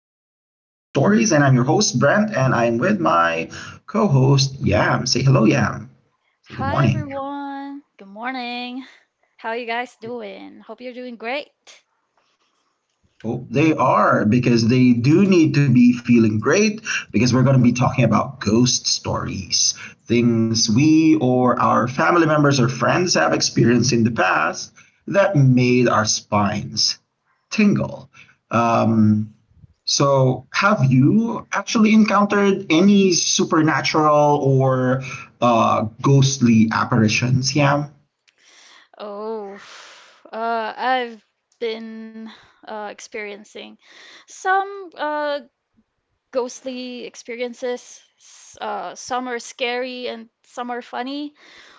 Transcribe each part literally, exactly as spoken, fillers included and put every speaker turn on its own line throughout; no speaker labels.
T V Ghost Stories, and I'm your host Brent, and I'm with my co-host Yam. Say hello, Yam. Say good
Hi
morning.
everyone. Good morning. How you guys doing? Hope you're doing great.
Hope they are because they do need to be feeling great because we're going to be talking about ghost stories, things we or our family members or friends have experienced in the past that made our spines tingle. Um, So, have you actually encountered any supernatural or uh, ghostly apparitions, Yam?
Oh, uh, I've been uh, experiencing some uh, ghostly experiences. S- Uh, some are scary and some are funny,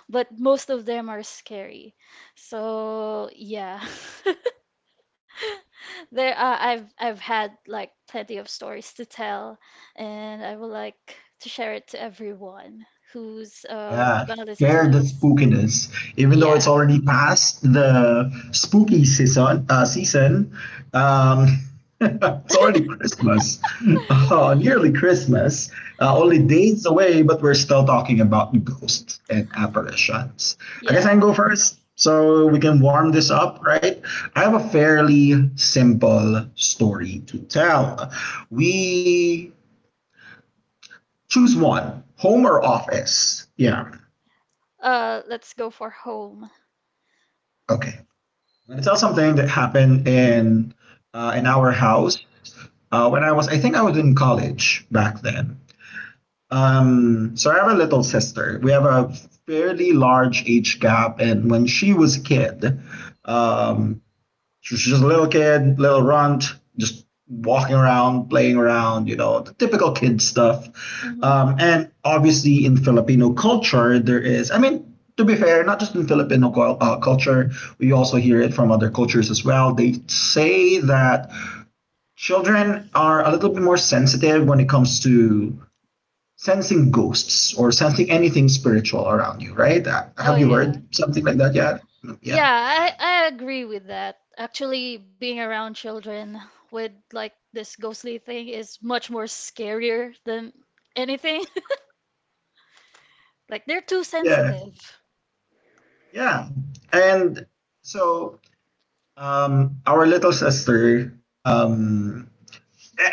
but most of them are scary. So yeah. There, uh, I've I've had like plenty of stories to tell, and I would like to share it to everyone who's
Yeah,
um gonna listen
share
to
the
us.
spookiness. Even though it's
Yeah,
already past the spooky season, uh, season, um, it's already Christmas, uh, nearly Christmas, uh, only days away, but we're still talking about ghosts and apparitions. I guess I
yeah.
can go first so we can warm this up, right? I have a fairly simple story to tell. We choose one, home or office? Yeah,
Uh, let's go for home.
okay. I'm gonna tell something that happened in uh, in our house uh, when I was I think I was in college back then. Um, so I have a little sister. We have a fairly large age gap, and when she was a kid, um, she's just a little kid, little runt, just walking around, playing around, you know, the typical kid stuff.
Mm-hmm.
Um, and obviously, in Filipino culture, there is, I mean, to be fair, not just in Filipino uh, culture, we also hear it from other cultures as well. They say that children are a little bit more sensitive when it comes to sensing ghosts or sensing anything spiritual around you, right? Uh,
Oh
have you
yeah,
heard something like that yet? Yeah.
yeah. I I agree with that. Actually, being around children with like this ghostly thing is much more scarier than anything. Like they're too
Yeah.
sensitive.
Yeah. And so, Um, our little sister, um,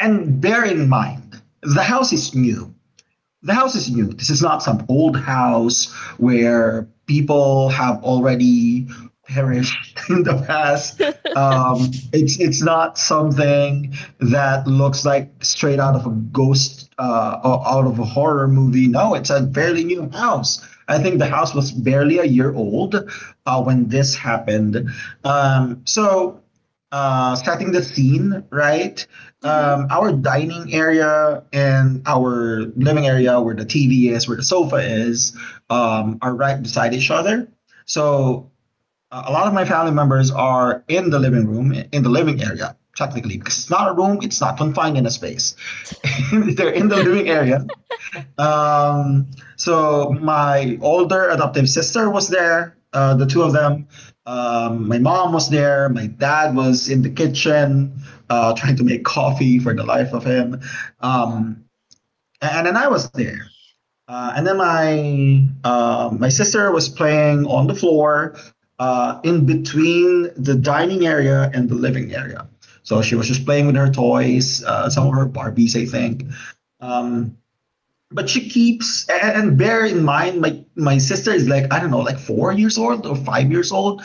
and bear in mind, the house is new. The house is new. This is not some old house where people have already perished in the past. Um, it's it's not something that looks like straight out of a ghost, uh, o- out of a horror movie. No, it's a fairly new house. I think the house was barely a year old uh, when this happened. Um, so uh, setting the scene, right?
hmm
Um, our dining area and our living area, where the T V is, where the sofa is, um, are right beside each other. So, uh, a lot of my family members are in the living room, in the living area, technically, because it's not a room, it's not confined in a space. They're in the living area, um, so my older adoptive sister was there, uh, the two of them. Um, my mom was there. My dad was in the kitchen uh, trying to make coffee for the life of him.
Mm-hmm.
Um, and then I was there. Uh, and then my uh, my sister was playing on the floor uh, in between the dining area and the living area. So she was just playing with her toys, uh, some of her Barbies, I think. Um, but she keeps, and bear in mind, my my sister is like, I don't know, like four years old or five years old.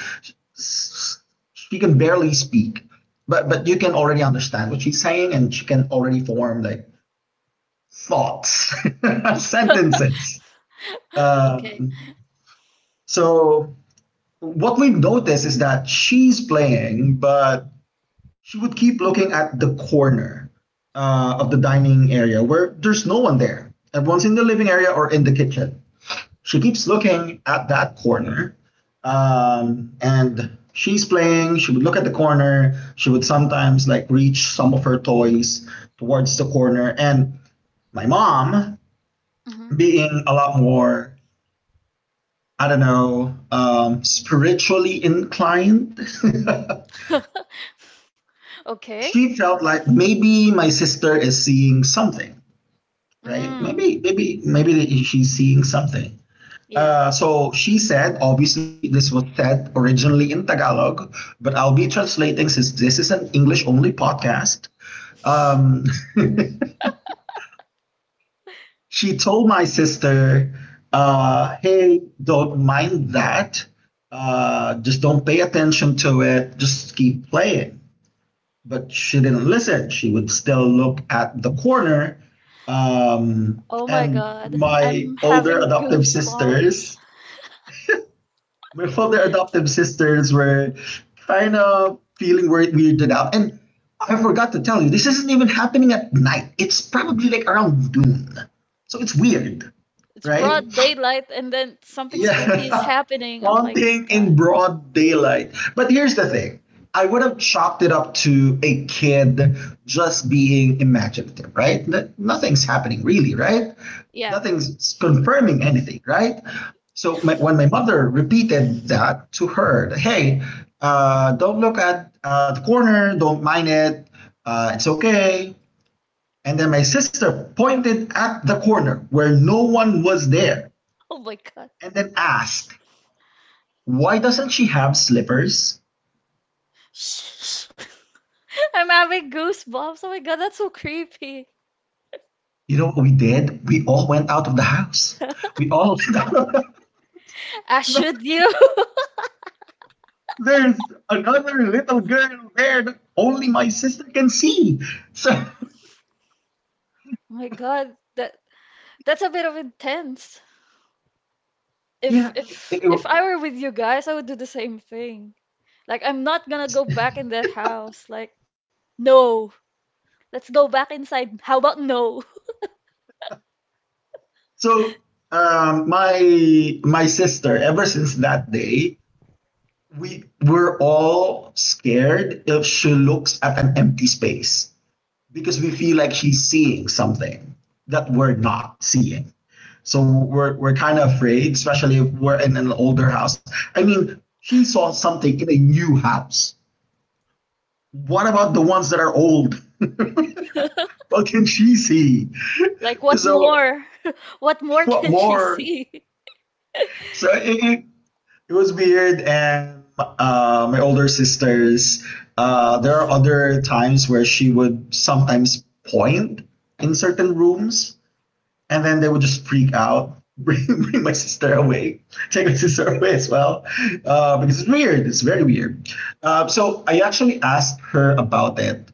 She can barely speak, but but you
Oh,
can already understand what she's saying, and she can already form like thoughts, sentences.
okay.
Um, so what we've noticed is that she's playing, but she would keep looking at the corner uh, of the dining area, where there's no one there. Everyone's in the living area or in the kitchen. She keeps looking at that corner. Um, and she's playing, she would look at the corner, she would sometimes like reach some of her toys towards the corner. And my mom,
Mm-hmm.
being a lot more, I don't know, um, spiritually inclined,
Okay.
she felt like maybe my sister is seeing something, right?
Mm,
Maybe maybe maybe she's seeing something.
yeah.
Uh, so she said, obviously, this was said originally in Tagalog, but I'll be translating since this is an English only podcast. Um, she told my sister, uh, hey, don't mind that. Uh, just don't pay attention to it. Just keep playing. But she didn't listen. She would still look at the corner. Um,
Oh my
and
God.
my
I'm
older
having
adoptive
goosebumps.
sisters, my other adoptive sisters were kind of feeling weird, weirded out. And I forgot to tell you, this isn't even happening at night. It's probably like around noon. So it's weird,
It's
right?
broad daylight and then something spooky is
Yeah,
happening. Oh my
haunting in
God.
broad daylight. But here's the thing, I would have chalked it up to a kid just being imaginative, right? N- Nothing's happening really, right?
Yeah.
Nothing's confirming anything, right? So my, when my mother repeated that to her, hey, uh, don't look at uh, the corner, don't mind it, uh, it's okay. And then my sister pointed at the corner where no one was there
Oh my God.
and then asked, why doesn't she have slippers?
Shh. I'm having goosebumps. Oh my God, that's so creepy.
You know what we did? We all went out of the house. We all no, no,
I
no.
should you.
There's another little girl there that only my sister can see. So
Oh my God, that that's a bit of intense. If
yeah, it-
if
it-
if I were with you guys, I would do the same thing. Like I'm not gonna go back in that house. Like, no. Let's go back inside. How about no?
so um, my my sister. Ever since that day, we were all scared if she looks at an empty space, because we
My
feel like she's seeing something that we're not seeing. So we're we're kind of afraid, especially if we're in an older house. I mean, she saw something in a new house. What about the ones that are old?
God.
What can she see?
Like what
So
more? What more
what
can she
more?
see?
So it, it, it was weird, and uh, my older sisters. Uh, there are other times where she would sometimes point in certain rooms, and then they would just freak out, bring, bring my sister away, take my sister away as well, uh, because it's weird. It's very weird. Uh, so I actually asked her about it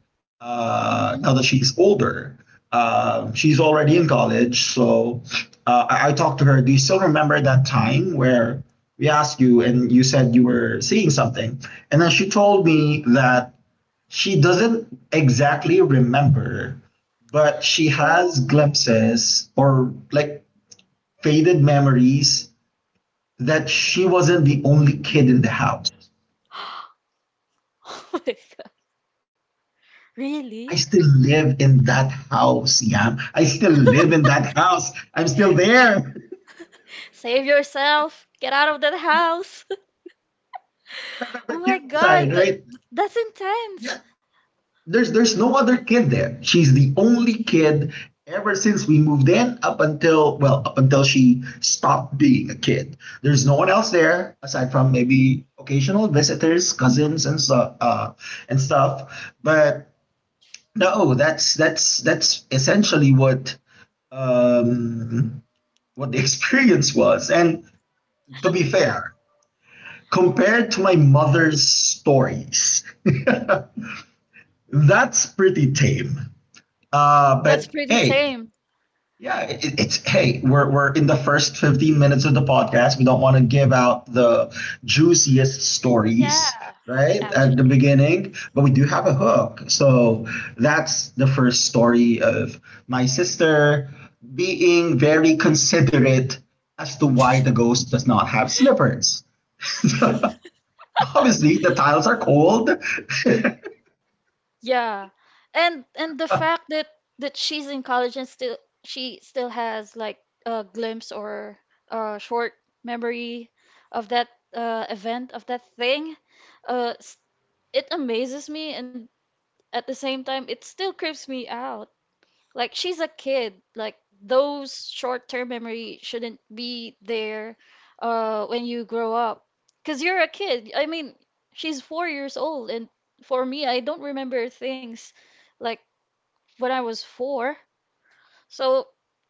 hmm
uh, now that she's older. Uh, she's already in college, so uh, I, I talked to her. Do you still remember that time where we asked you and you said you were seeing something? And then she told me that she doesn't exactly remember, but she has
Oh.
glimpses or like faded memories that she wasn't the only kid in the house.
Oh my God. Really?
I still live in that house, Yam. I still live in that house. I'm still there.
Save yourself. Get out of that house.
Remember,
Oh
kids
my
aside,
God, that
right?
that's
Yeah,
intense.
there's there's no other kid there. She's the only kid ever since we moved in, up until, well, up until she stopped being a kid. There's no one else there aside from maybe occasional visitors, cousins, and stuff uh, and stuff. But no, that's that's that's essentially what um, what the experience was. And to be fair, compared to my mother's stories, that's pretty tame. Uh,
That's
but
pretty
hey,
tame.
yeah, it, it's hey, we're we're in the first fifteen minutes of the podcast. We don't want to give out the juiciest stories,
Yeah,
right? At the
actually.
beginning, but we do have a hook. So that's the first story of my sister being very considerate as to why the ghost does not have slippers. Obviously, the tiles are cold.
Yeah. And and the
I
fact that that she's in college and still she still has like a glimpse or a short memory of that uh, event, of that thing, uh, s- it amazes me and at the same time it still creeps me out. Like she's a kid. Like those short-term memory shouldn't be there uh when you grow up. 'Cause you're a kid. I mean, she's four years old and for me, I don't remember things like when I was four. So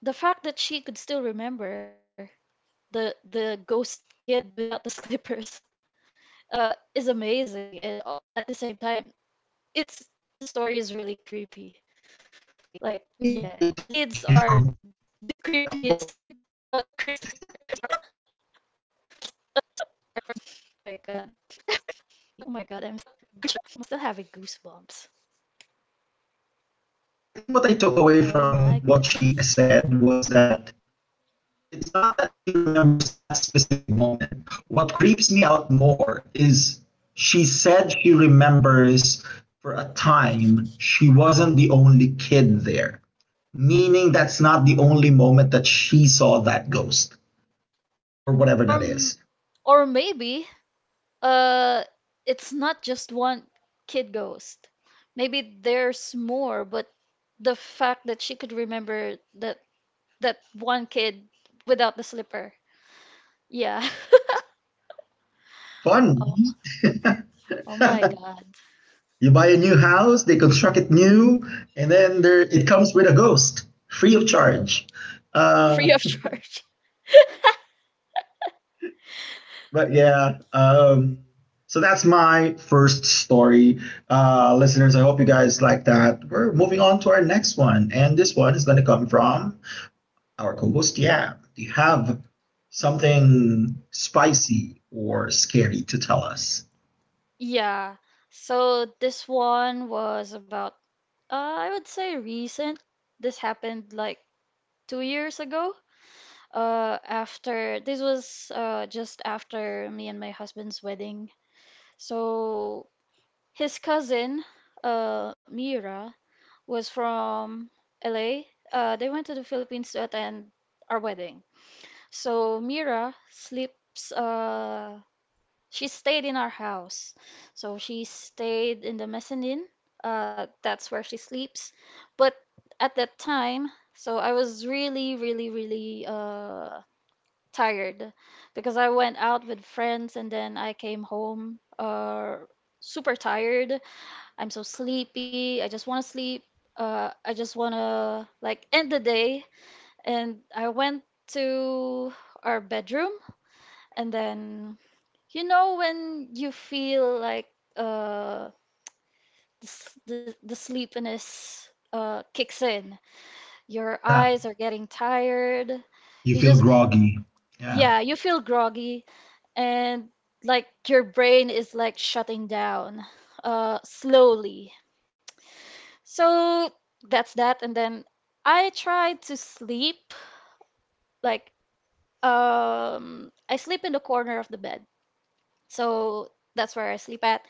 the fact that she could still remember the the ghost kid without the slippers uh is amazing and uh, at the same time it's the story is really creepy. Like yeah,
think I
kids
took
are
away from
the creepiest
yeah, what
uh creature. Oh my god, I'm still having goosebumps. Oh my
I think what I
goodness.
took away from what she said was that it's not that she remembers that specific moment. What creeps me out more is she said she remembers for a time she wasn't the only kid there, meaning that's not the only moment that she saw that ghost or whatever that
Or
is.
m- or maybe uh it's not just one kid ghost. Maybe there's more, but the fact that she could remember that that one kid without the slipper. Yeah.
Fun.
Oh, m- oh my god.
You buy a new house, they construct it new, and then there it comes with a ghost free of charge.
Free
Uh,
of charge.
but yeah, um, so that's my first story. Uh, listeners, I hope you guys like that. We're moving on to our next one, and this one is going to come from our co-host. Yeah, do you have something spicy or scary to tell us?
Yeah. So this one was about, uh, I would say recent. This happened like two years ago. Uh, after this was uh, just after me and my husband's wedding. So his cousin, uh, Mira, was from L A. Uh, they went to the Philippines to attend our wedding. So Mira sleeps uh she stayed in our house. So she stayed in the mezzanine. Uh, that's where she sleeps. But at that time, so I was really, really, really uh, tired because I went out with friends and then I came home uh, super tired. I'm so sleepy. I just want to sleep. Uh, I just want to like end the day. And I went to our bedroom and then you know when you feel like uh the s- the, the sleepiness uh kicks in. Your
Yeah,
eyes are getting tired.
you
You
feel
just
groggy. Yeah,
yeah, you feel groggy and like your brain is like shutting down uh slowly. So that's that and then I try to sleep like um I sleep in the corner of the bed. So that's where I sleep at.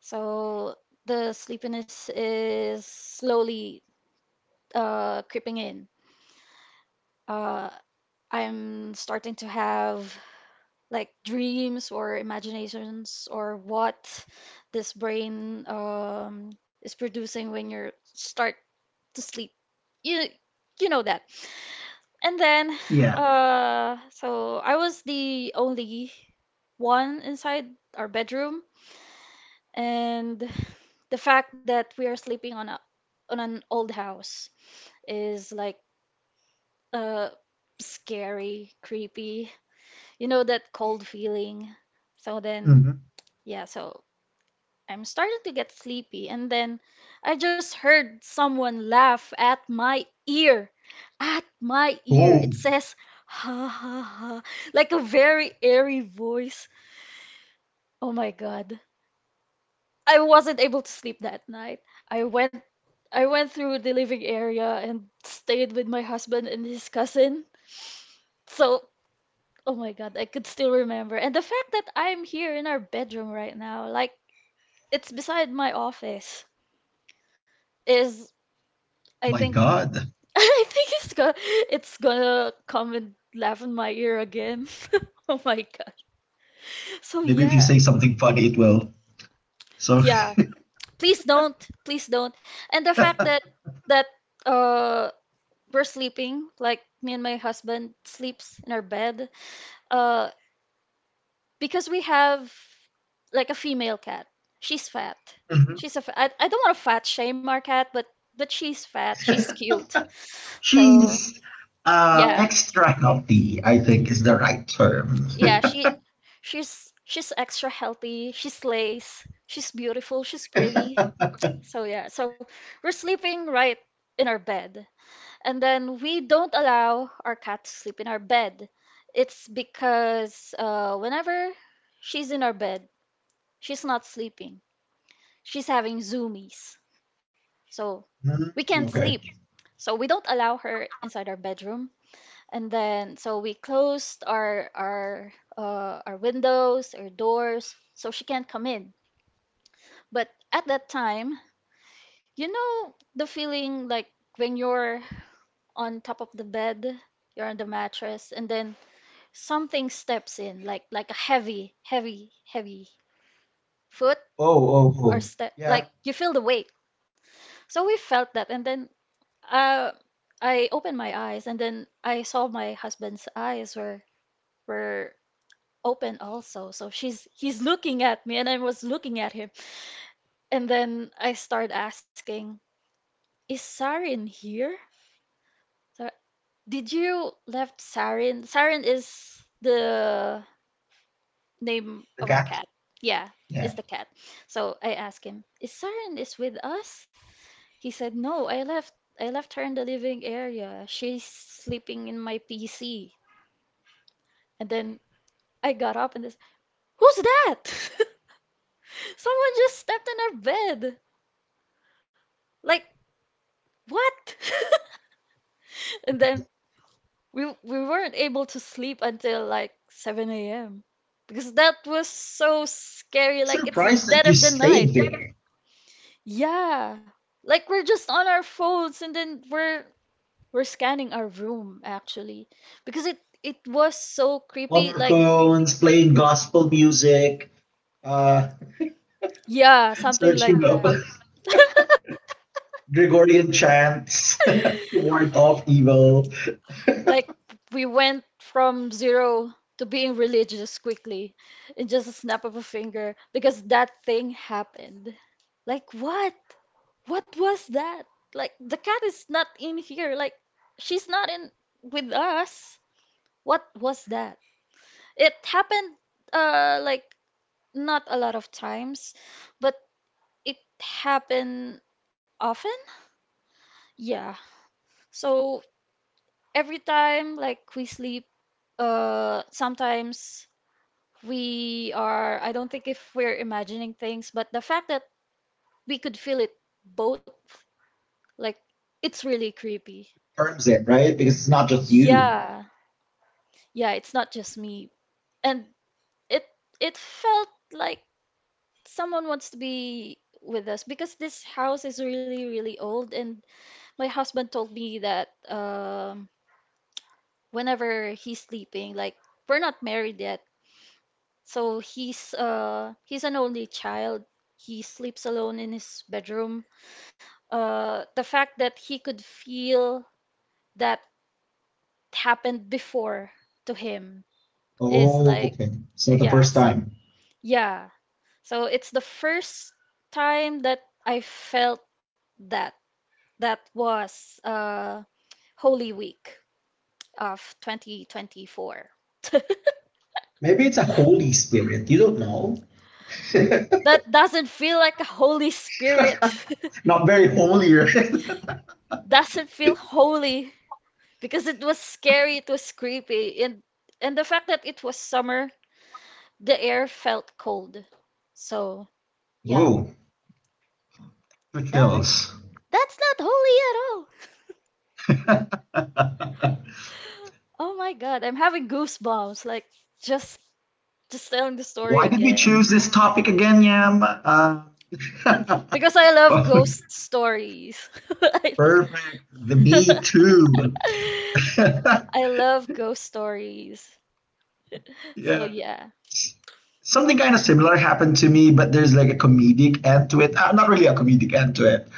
So the sleepiness is slowly uh, creeping in. Uh, I'm starting to have like dreams or imaginations or what this brain um, is producing when you start to sleep. You you know that. And then
yeah.
uh, so I was the only one inside our bedroom, and the fact that we are sleeping on a on an old house is like uh scary, creepy. You know that cold feeling. So then,
Mhm.
yeah, so I'm starting to get sleepy and then I just heard someone laugh at my ear. At my ear.
Oh
It says ha ha ha, like a very airy voice. Oh my God. I wasn't able to sleep that night. I went I went through the living area and stayed with my husband and his cousin. So oh my God, I could still remember. And the fact that I'm here in our bedroom right now, like it's beside my office, is I
my
think
god.
I think it's gonna it's gonna come and laugh in my ear again. Oh my God. So
Maybe if you
yeah,
say something funny it will. So,
yeah. Please don't, please don't. And the fact that that uh we're sleeping, like me and my husband sleeps in our bed, uh because we have like a female cat. She's fat. She's a fa- I, I don't want to fat shame our cat, but but she's fat. She's cute. So
she's uh,
yeah,
extra healthy, I think is the right term.
yeah. She she's she's extra healthy. She slays. She's beautiful. She's pretty. So yeah. So we're sleeping right in our bed, and then we don't allow our cat to sleep in our bed. It's because uh, whenever she's in our bed, she's not sleeping she's having zoomies. So we
Mm,
can't sleep.
okay.
So we don't allow her inside our bedroom. And then so we closed our our uh, our windows, our doors, so she can't come in. But at that time, you know the feeling like when you're on top of the bed, you're on the mattress, and then something steps in, like like a heavy, heavy, heavy foot
Oh, oh,
or
oh.
step,
Yeah,
like you feel the weight. So we felt that, and then uh, I opened my eyes and then I saw my husband's eyes were were open also. So she's he's looking at me and I was looking at him. And then I start asking, "Is Sarin here? So, did you left Sarin? Sarin is the name of
the
our cat.
cat.
Yeah, is
Yeah.
the cat. So I asked him, "Is Sarin is with us?" He said, "No, I left I left her in the living area. She's sleeping in my P C." And then I got up and this, who's that? Someone just stepped on our bed. Like, what? And then we we weren't able to sleep until like seven a m because that was so scary. Like it's the
Surprised that
dead
you
of the
stayed
night.
there.
Yeah. Like we're just on our phones and then we're we're scanning our room actually because it it was so creepy.
Honor
Like
cones, playing gospel music, uh,
yeah, something like
searching up
that.
Gregorian chants to ward off evil.
Like we went from zero to being religious quickly in just a snap of a finger because that thing happened. Like what? What was that? Like the cat is not in here. Like she's not in with us. What was that? It happened uh like not a lot of times, but it happened often. Yeah. So every time like we sleep, uh sometimes we are, I don't think if we're imagining things, but the fact that we could feel it both, like, it's really creepy.
Confirms it, right? Because it's not just you.
Yeah. Yeah, it's not just me. And it it felt like someone wants to be with us because this house is really, really old and my husband told me that um whenever he's sleeping, like we're not married yet. So he's uh he's an only child. He sleeps alone in his bedroom. Uh, the fact that he could feel that happened before to him is
Oh,
like,
okay. It's not the
yeah,
first
so
time.
yeah. So it's the first time that I felt that. That was uh, Holy Week of twenty twenty-four.
Maybe it's a Holy Spirit. You don't know.
That doesn't feel like a Holy Spirit.
Not very holy, right?
Doesn't feel holy because it was scary, it was creepy, and and the fact that it was summer. The air felt cold. So, yeah,
Whoa, that
that's
kills.
that's not holy at all. Oh my God, I'm having goosebumps like just just telling the story
Why did we choose
again.
this topic again, Yam? Uh,
Because I love
well,
ghost stories. I,
perfect. The Me Too.
I love ghost stories. So
Yeah.
yeah.
Something kind of similar happened to me, but there's like a comedic end to it. Uh, not really a comedic end to it.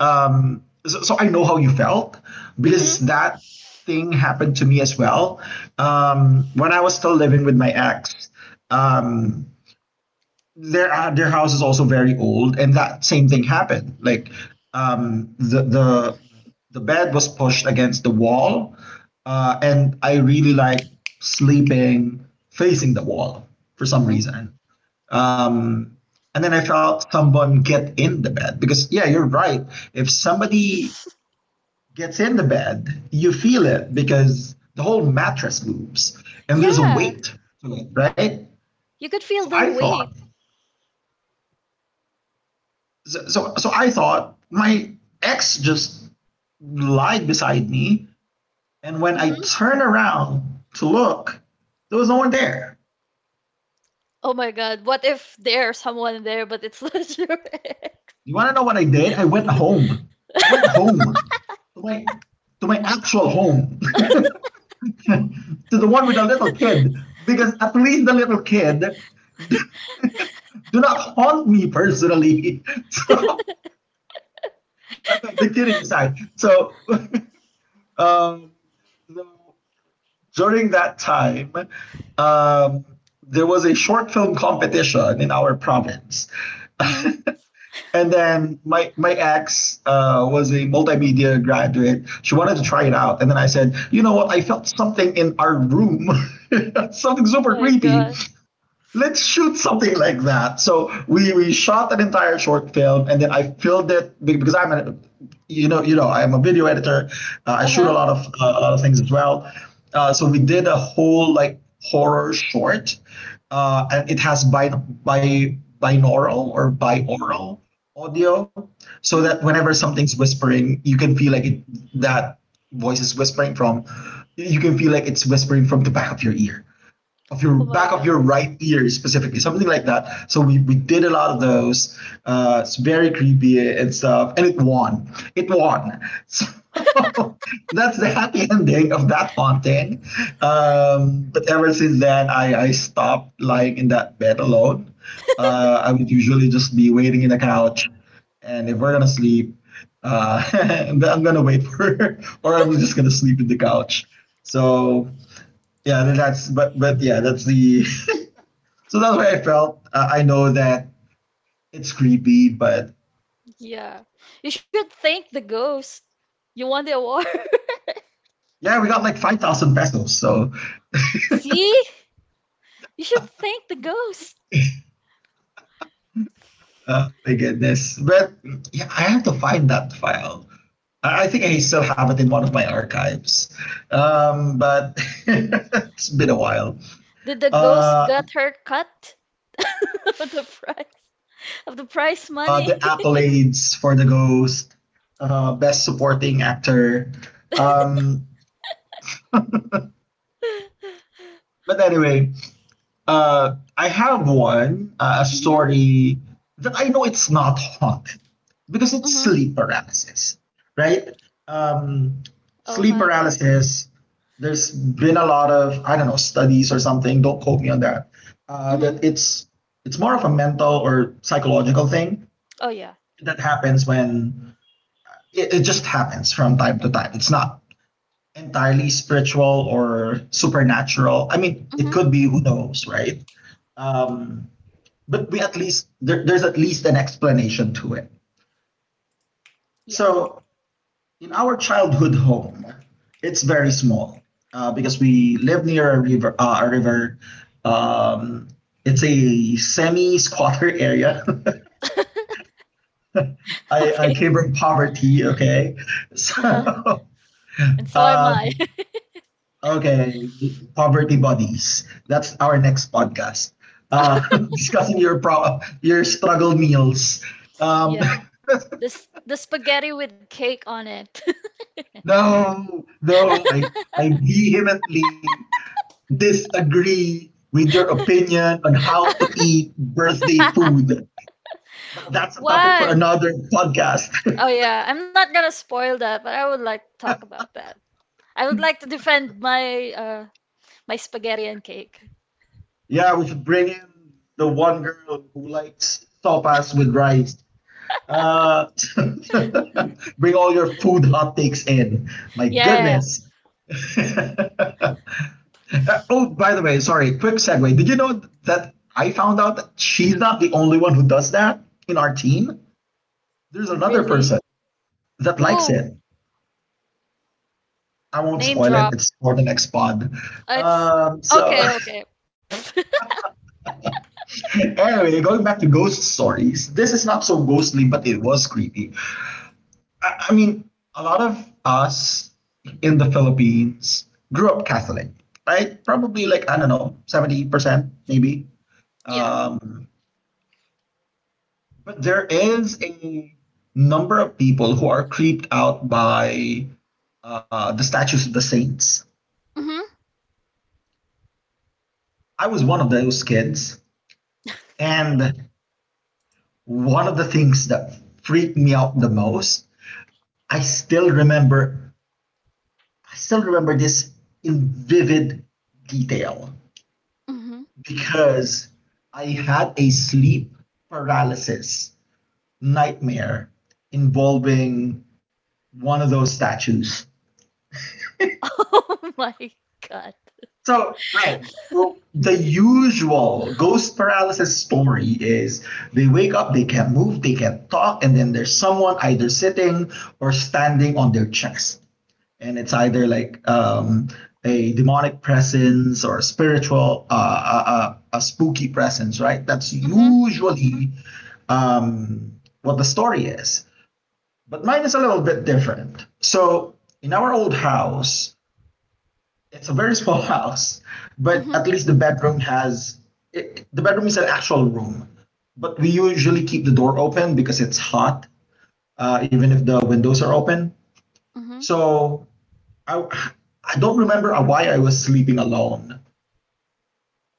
Um, so, so I know how you felt
hmm
because that thing happened to me as well. Um, when I was still living with my ex, um, their uh, their house is also very old, and that same thing happened. Like um, the the the bed was pushed against the wall, uh, and I really like sleeping facing the wall for some
hmm
reason. Um, and then I felt someone get in the bed because yeah, you're right. If somebody gets in the bed, you feel it because the whole mattress moves and there's a
Yeah,
weight to it, right?
you could feel
So
the
I thought
weight.
so, so so I thought my ex just lied beside me, and when I
hmm
turned around to look, there was no one there.
Oh my God, what if there's someone there but it's not your ex?
You want to know what I did? I went home. I went home to my to my actual home, to the one with the little kid, because at least the little kid do not haunt me personally. so, I'm kidding aside. So, um, so during that time, um, there was a short film competition in our province.
Mhm.
And then my, my ex uh, was a multimedia graduate. She wanted to try it out. And then I said, you know what? I felt something in our room, something super
My
creepy.
God.
Let's shoot something like that. So we, we shot an entire short film, and then I filmed it because I'm a, you know, you know, I'm a video editor. Uh, I
Uh-huh.
shoot a lot of uh, a lot of things as well. Uh, so we did a whole like horror short, uh, and it has bi bi binaural or bioral audio, so
hmm
that whenever something's whispering, you can feel like it, that voice is whispering from. You can feel like it's whispering from the back of your ear of your
Oh my
back of your
God.
right ear specifically, something like that. So we, we did a lot of those. Uh, it's very creepy and stuff, and it won, it won So that's the happy ending of that haunting. Um, but ever since then I, I stopped lying in that bed alone. uh, I would usually just be waiting in the couch, and if we're gonna sleep, uh, I'm gonna wait for or I'm just gonna sleep in the couch. So yeah, that's but but yeah, that's the so that's where I felt uh, I know that it's creepy but
Yeah. You should thank the ghost. You won the award.
yeah, we got like five thousand pesos. So
See? You should thank the ghost.
uh, my goodness. But yeah, I have to find that file. i I think I still have it in one of my archives. um, but It's been a while.
Did the ghost
uh,
got her cut of the price. Of the prize
uh, the
money?
accolades for the ghost, uh, best supporting actor. um, but anyway, Uh, I have one, uh, a
Mm-hmm.
story that I know it's not haunted because it's
Mm-hmm.
sleep paralysis, right? Um,
Oh
Sleep
my goodness.
paralysis, there's been a lot of, I don't know, studies or something, don't quote me on that, uh,
hmm
that it's it's more of a mental or psychological thing
Oh yeah.
that happens when it, it just happens from time to time. It's not entirely spiritual or supernatural. I mean, it
Mm-hmm.
could be, who knows, right? Um, but we at least there, there's at least an explanation to it.
Yeah.
So in our childhood home, it's very small, uh, because we live near a river. Uh, a river. Um, it's a semi-squatter area. I, I
Okay.
came from poverty. Okay,
Uh-huh.
so
And so am I.
um, okay, poverty bodies. That's our next podcast. Uh, discussing your pro- your struggle meals. Um,
Yeah. This the spaghetti with cake on it.
No, no, I, I vehemently disagree with your opinion on how to eat birthday food. But that's a topic for
What?
another podcast.
Oh yeah, I'm not gonna spoil that, but I would like to talk about that. I would like to defend my uh my spaghetti and cake.
Yeah, we should bring in the one girl who likes sopas with rice. Uh, Bring all your food hot takes in. My
Yeah. yeah, yeah.
goodness. Oh, by the way, sorry, quick segue. Did you know that I found out that she's not the only one who does that in our team? There's another
Really?
person that
Who?
likes it. I won't
Name
spoil it.
drop.
It's for the next pod.
It's
Um, so,
okay, okay.
anyway, going back to ghost stories, this is not so ghostly, but it was creepy. I, I mean, a lot of us in the Philippines grew up Catholic, right? Probably like, I don't know, seventy percent, maybe.
Yeah.
Um, But there is a number of people who are creeped out by uh, the statues of the saints.
Mhm.
I was one of those kids. And one of the things that freaked me out the most, I still remember, I still remember this in vivid detail
Mhm.
because I had a sleep paralysis nightmare involving one of those statues.
Oh my god.
So, right. Well, the usual ghost paralysis story is they wake up, they can't move, they can't talk, and then there's someone either sitting or standing on their chest. And it's either like um, a demonic presence or a spiritual, uh, uh, uh, a spooky presence, right? That's
Mhm.
usually um, what the story is. But mine is a little bit different. So, in our old house, it's a very small house, but
Mhm.
at least the bedroom has it, the bedroom is an actual room. But we usually keep the door open because it's hot, uh, even if the windows are open.
Mhm.
So I I don't remember why I was sleeping alone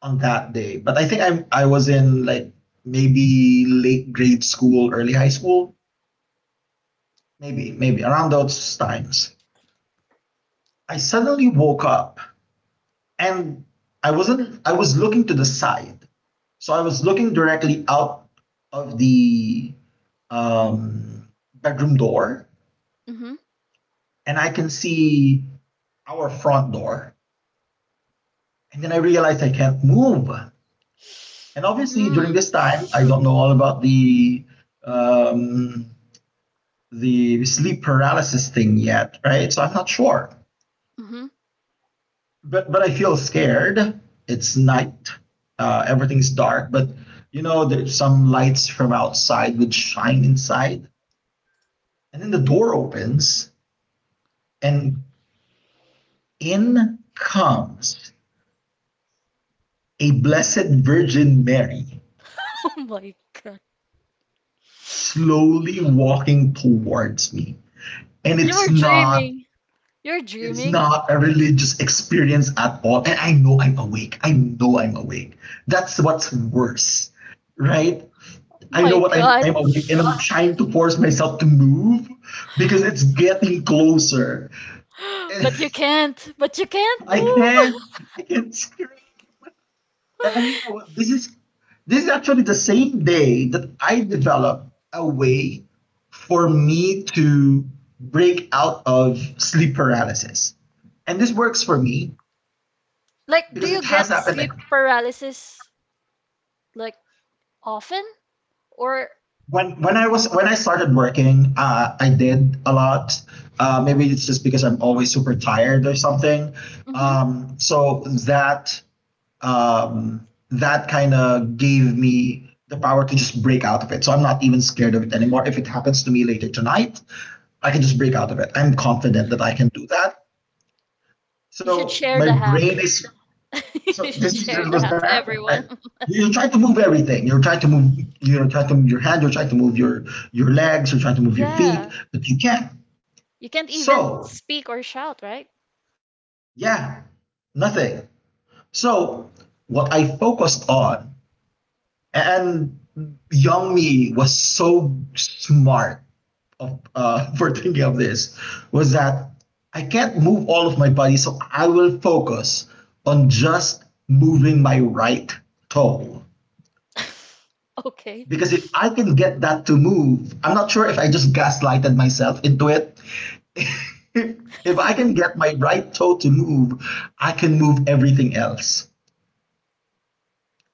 on that day, but I think I I was in like maybe late grade school, early high school, maybe maybe around those times. I suddenly woke up and I wasn't I was looking to the side. So I was looking directly out of the um, bedroom door,
Mhm.
and I can see our front door. And then I realized I can't move. And obviously,
Mm.
during this time, I don't know all about the um, the sleep paralysis thing yet, right? So I'm not sure.
Mhm.
But but I feel scared. It's night. Uh, everything's dark. But you know, there's some lights from outside would shine inside. And then the door opens, and in comes a Blessed Virgin Mary
Oh my god.
slowly walking towards me. And
You were
it's not
dreaming. You're
it's
dreaming.
not a religious experience at all. And I know I'm awake. I know I'm awake. That's what's worse, right?
Oh
I know
My
what I'm,
god.
I'm awake and I'm trying to force myself to move because it's getting closer.
But you can't. But you can't
And I
move.
can't, I can't scream. And, and you know, this is this is actually the same day that I developed a way for me to break out of sleep paralysis. And this works for me
Like, do
because
you
it has
get
happened
sleep
like
paralysis? Like, often or
when when I was when I started working, uh, I did a lot. Uh, maybe it's just because I'm always super tired or something.
mhm.
Um, so that um, that kind of gave me the power to just break out of it. So I'm not even scared of it anymore. If it happens to me later tonight, I can just break out of it. I'm confident that I can do that.
You should
So
share
my
the
brain
hack.
is
You
so
should
this is this
share
is
the
what's
hack
gonna
to
happen, right?
everyone.
You're trying to move everything. You're trying to move. You're trying to move your hand. You're trying to move your your legs. You're trying to move your
Yeah.
feet, but you can't.
You can't even
So
speak or shout, right?
yeah, nothing. So what I focused on, and young me was so smart of, uh, for thinking of this, was that I can't move all of my body, so I will focus on just moving my right toe.
Okay.
Because if I can get that to move, I'm not sure if I just gaslighted myself into it. If, if I can get my right toe to move, I can move everything else.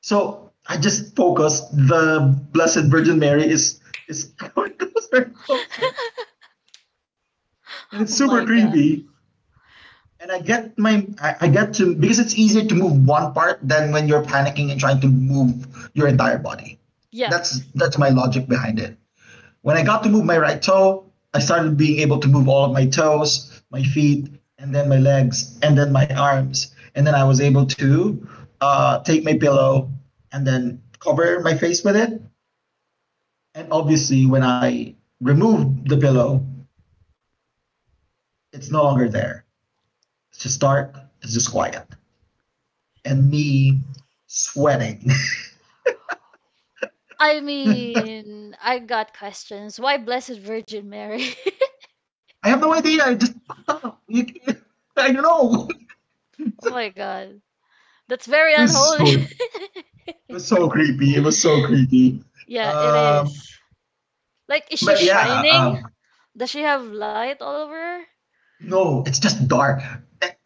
So I just focus. The Blessed Virgin Mary is is coming closer and closer, and
Oh
it's
my
super
God.
creepy. And I get my I, I get to because it's easier to move one part than when you're panicking and trying to move your entire body.
Yeah.
That's that's my logic behind it. When I got to move my right toe, I started being able to move all of my toes, my feet, and then my legs, and then my arms. And then I was able to uh, take my pillow and then cover my face with it. And obviously, when I remove the pillow, it's no longer there. It's just dark, it's just quiet. And me sweating.
I mean, I got questions. Why Blessed Virgin Mary?
I have no idea. I just fucked up. You I don't know.
Oh my God. That's very
It was
unholy.
so it was so creepy. It was so creepy.
Yeah, it
Um,
is. Like, is she
But yeah,
shining?
um,
Does she have light all over her?
no, it's just dark.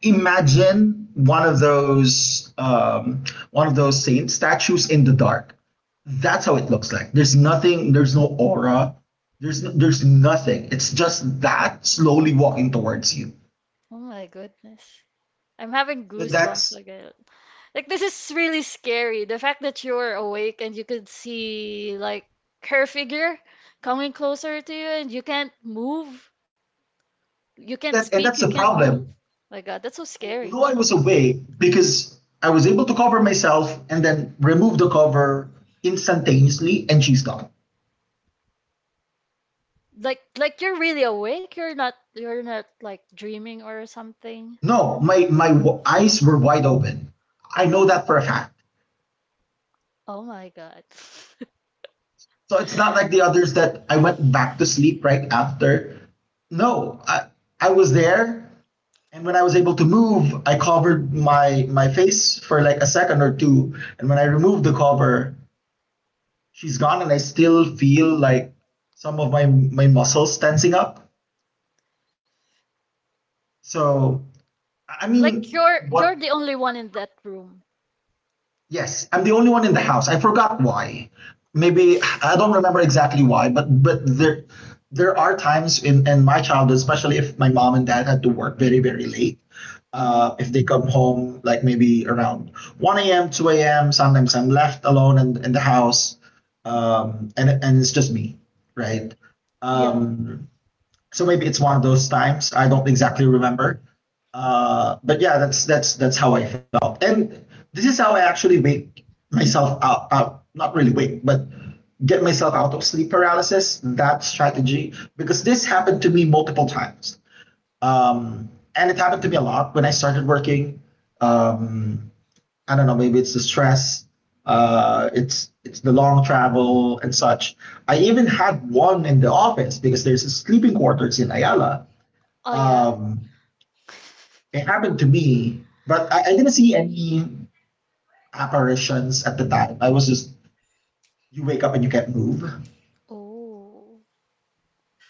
Imagine one of those um, one of those saint statues in the dark. That's how it looks like. There's nothing. There's no aura. There's no, there's nothing. It's just that slowly walking towards you.
Oh my goodness. I'm having
So
goosebumps
that's
again. Like, this is really scary. The fact that you were awake and you could see like her figure coming closer to you and you can't move. You can't
that, and
speak, you
that's the
can't move.
problem.
My God, that's so
I know I
scary.
was away because I was able to cover myself and then remove the cover instantaneously, and she's gone.
Like, like you're really awake. You're not you're not like dreaming or something.
No, my my w- eyes were wide open. I know that for a fact.
Oh my God.
So it's not like the others that I went back to sleep right after. No, I I was there, and when I was able to move, I covered my my face for like a second or two, and when I removed the cover, she's gone, and I still feel like some of my my muscles tensing up. So I I
Like,
mean,
you're you're
what
the only one in that room.
Yes, I'm the only one in the house. I forgot why. Maybe I don't remember exactly why, but but there there are times in in my childhood, especially if my mom and dad had to work very very late.
Hmm
Uh, if they come home like maybe around one a m, two a m Sometimes I'm left alone in, in the house, um, and and it's just me, right?
Yeah.
Um, so maybe it's one of those times. I don't exactly remember. Uh, but yeah, that's that's that's how I felt, and this is how I actually wake myself out. out not really wake, but get myself out of sleep paralysis. That strategy, because this happened to me multiple times, um, and it happened to me a lot when I started working. Um, I don't know, maybe it's the stress, uh, it's it's the long travel and such. I even had one in the office because there's a sleeping quarters in Ayala.
Oh yeah.
Um, it happened to me, but I, I didn't see any apparitions at the time. I was just you wake up and you can't move.
Oh.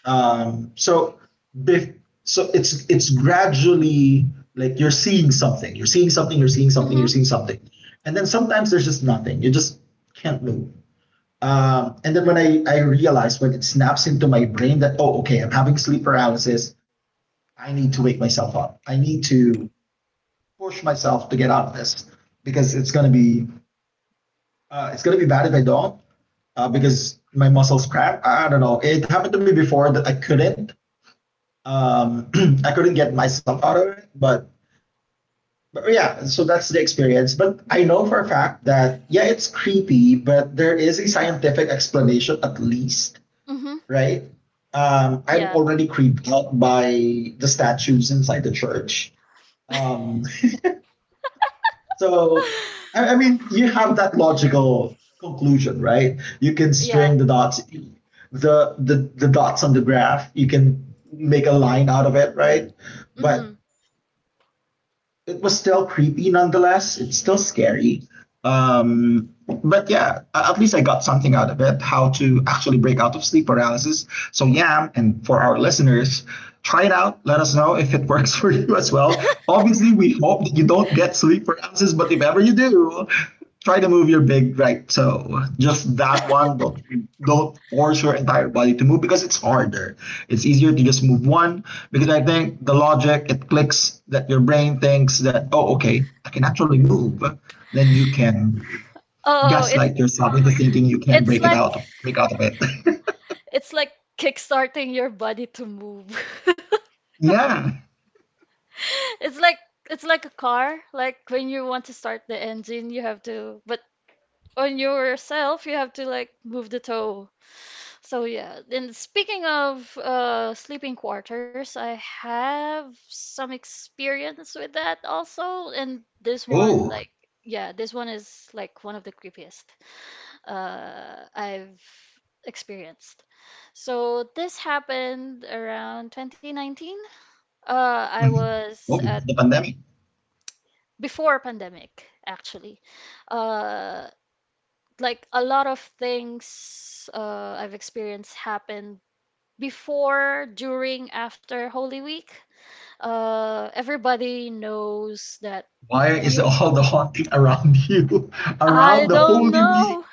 Um, so bef- so it's it's gradually like you're seeing something, you're seeing something, you're seeing something, you're
Mm-hmm.
seeing something, and then sometimes there's just nothing. You just can't move. Um, and then when I, I realized, when it snaps into my brain that, oh, okay, I'm having sleep paralysis, I need to wake myself up. I need to push myself to get out of this because it's gonna be uh, it's gonna be bad if I don't, uh, because my muscles cramp. I don't know. It happened to me before that I couldn't, um, I couldn't get myself out of it, but but yeah, so that's the experience. But I know for a fact that yeah, it's creepy, but there is a scientific explanation at least,
Mm-hmm.
right? Um, I'm
Yeah.
already creeped out by the statues inside the church. Um, so, I, I mean, you have that logical conclusion, right? You can string
Yeah.
the dots, the, the the dots on the graph. You can make a line out of it, right?
hmm
But it was still creepy nonetheless. It's still scary. Um, but yeah, at least I got something out of it, how to actually break out of sleep paralysis. So, yeah, and for our listeners, try it out. Let us know if it works for you as well. Obviously, we hope that you don't get sleep paralysis, but if ever you do, try to move your big right, so just that one. don't don't force your entire body to move, because it's harder. It's easier to just move one, because I think the logic, it clicks that your brain thinks that, oh, okay, I can actually move. Then you can
Oh, it's
gaslight yourself into thinking you can
it's
break it
like,
out break out of it.
it's like kickstarting your body to move.
Yeah.
It's like, it's like a car. Like, when you want to start the engine, you have to, but on yourself, you have to like move the toe. So yeah. And speaking of uh sleeping quarters, I have some experience with that also. And this one,
Oh.
like, yeah, this one is like one of the creepiest uh I've experienced. So this happened around twenty nineteen. Uh, I
Mhm.
was
Oh,
at
before the pandemic.
Before pandemic actually. Uh, like a lot of things uh, I've experienced happened before, during, after Holy Week. Uh, everybody knows that
Why is
you.
all the haunting around you around
I
the
don't
holy week?
know.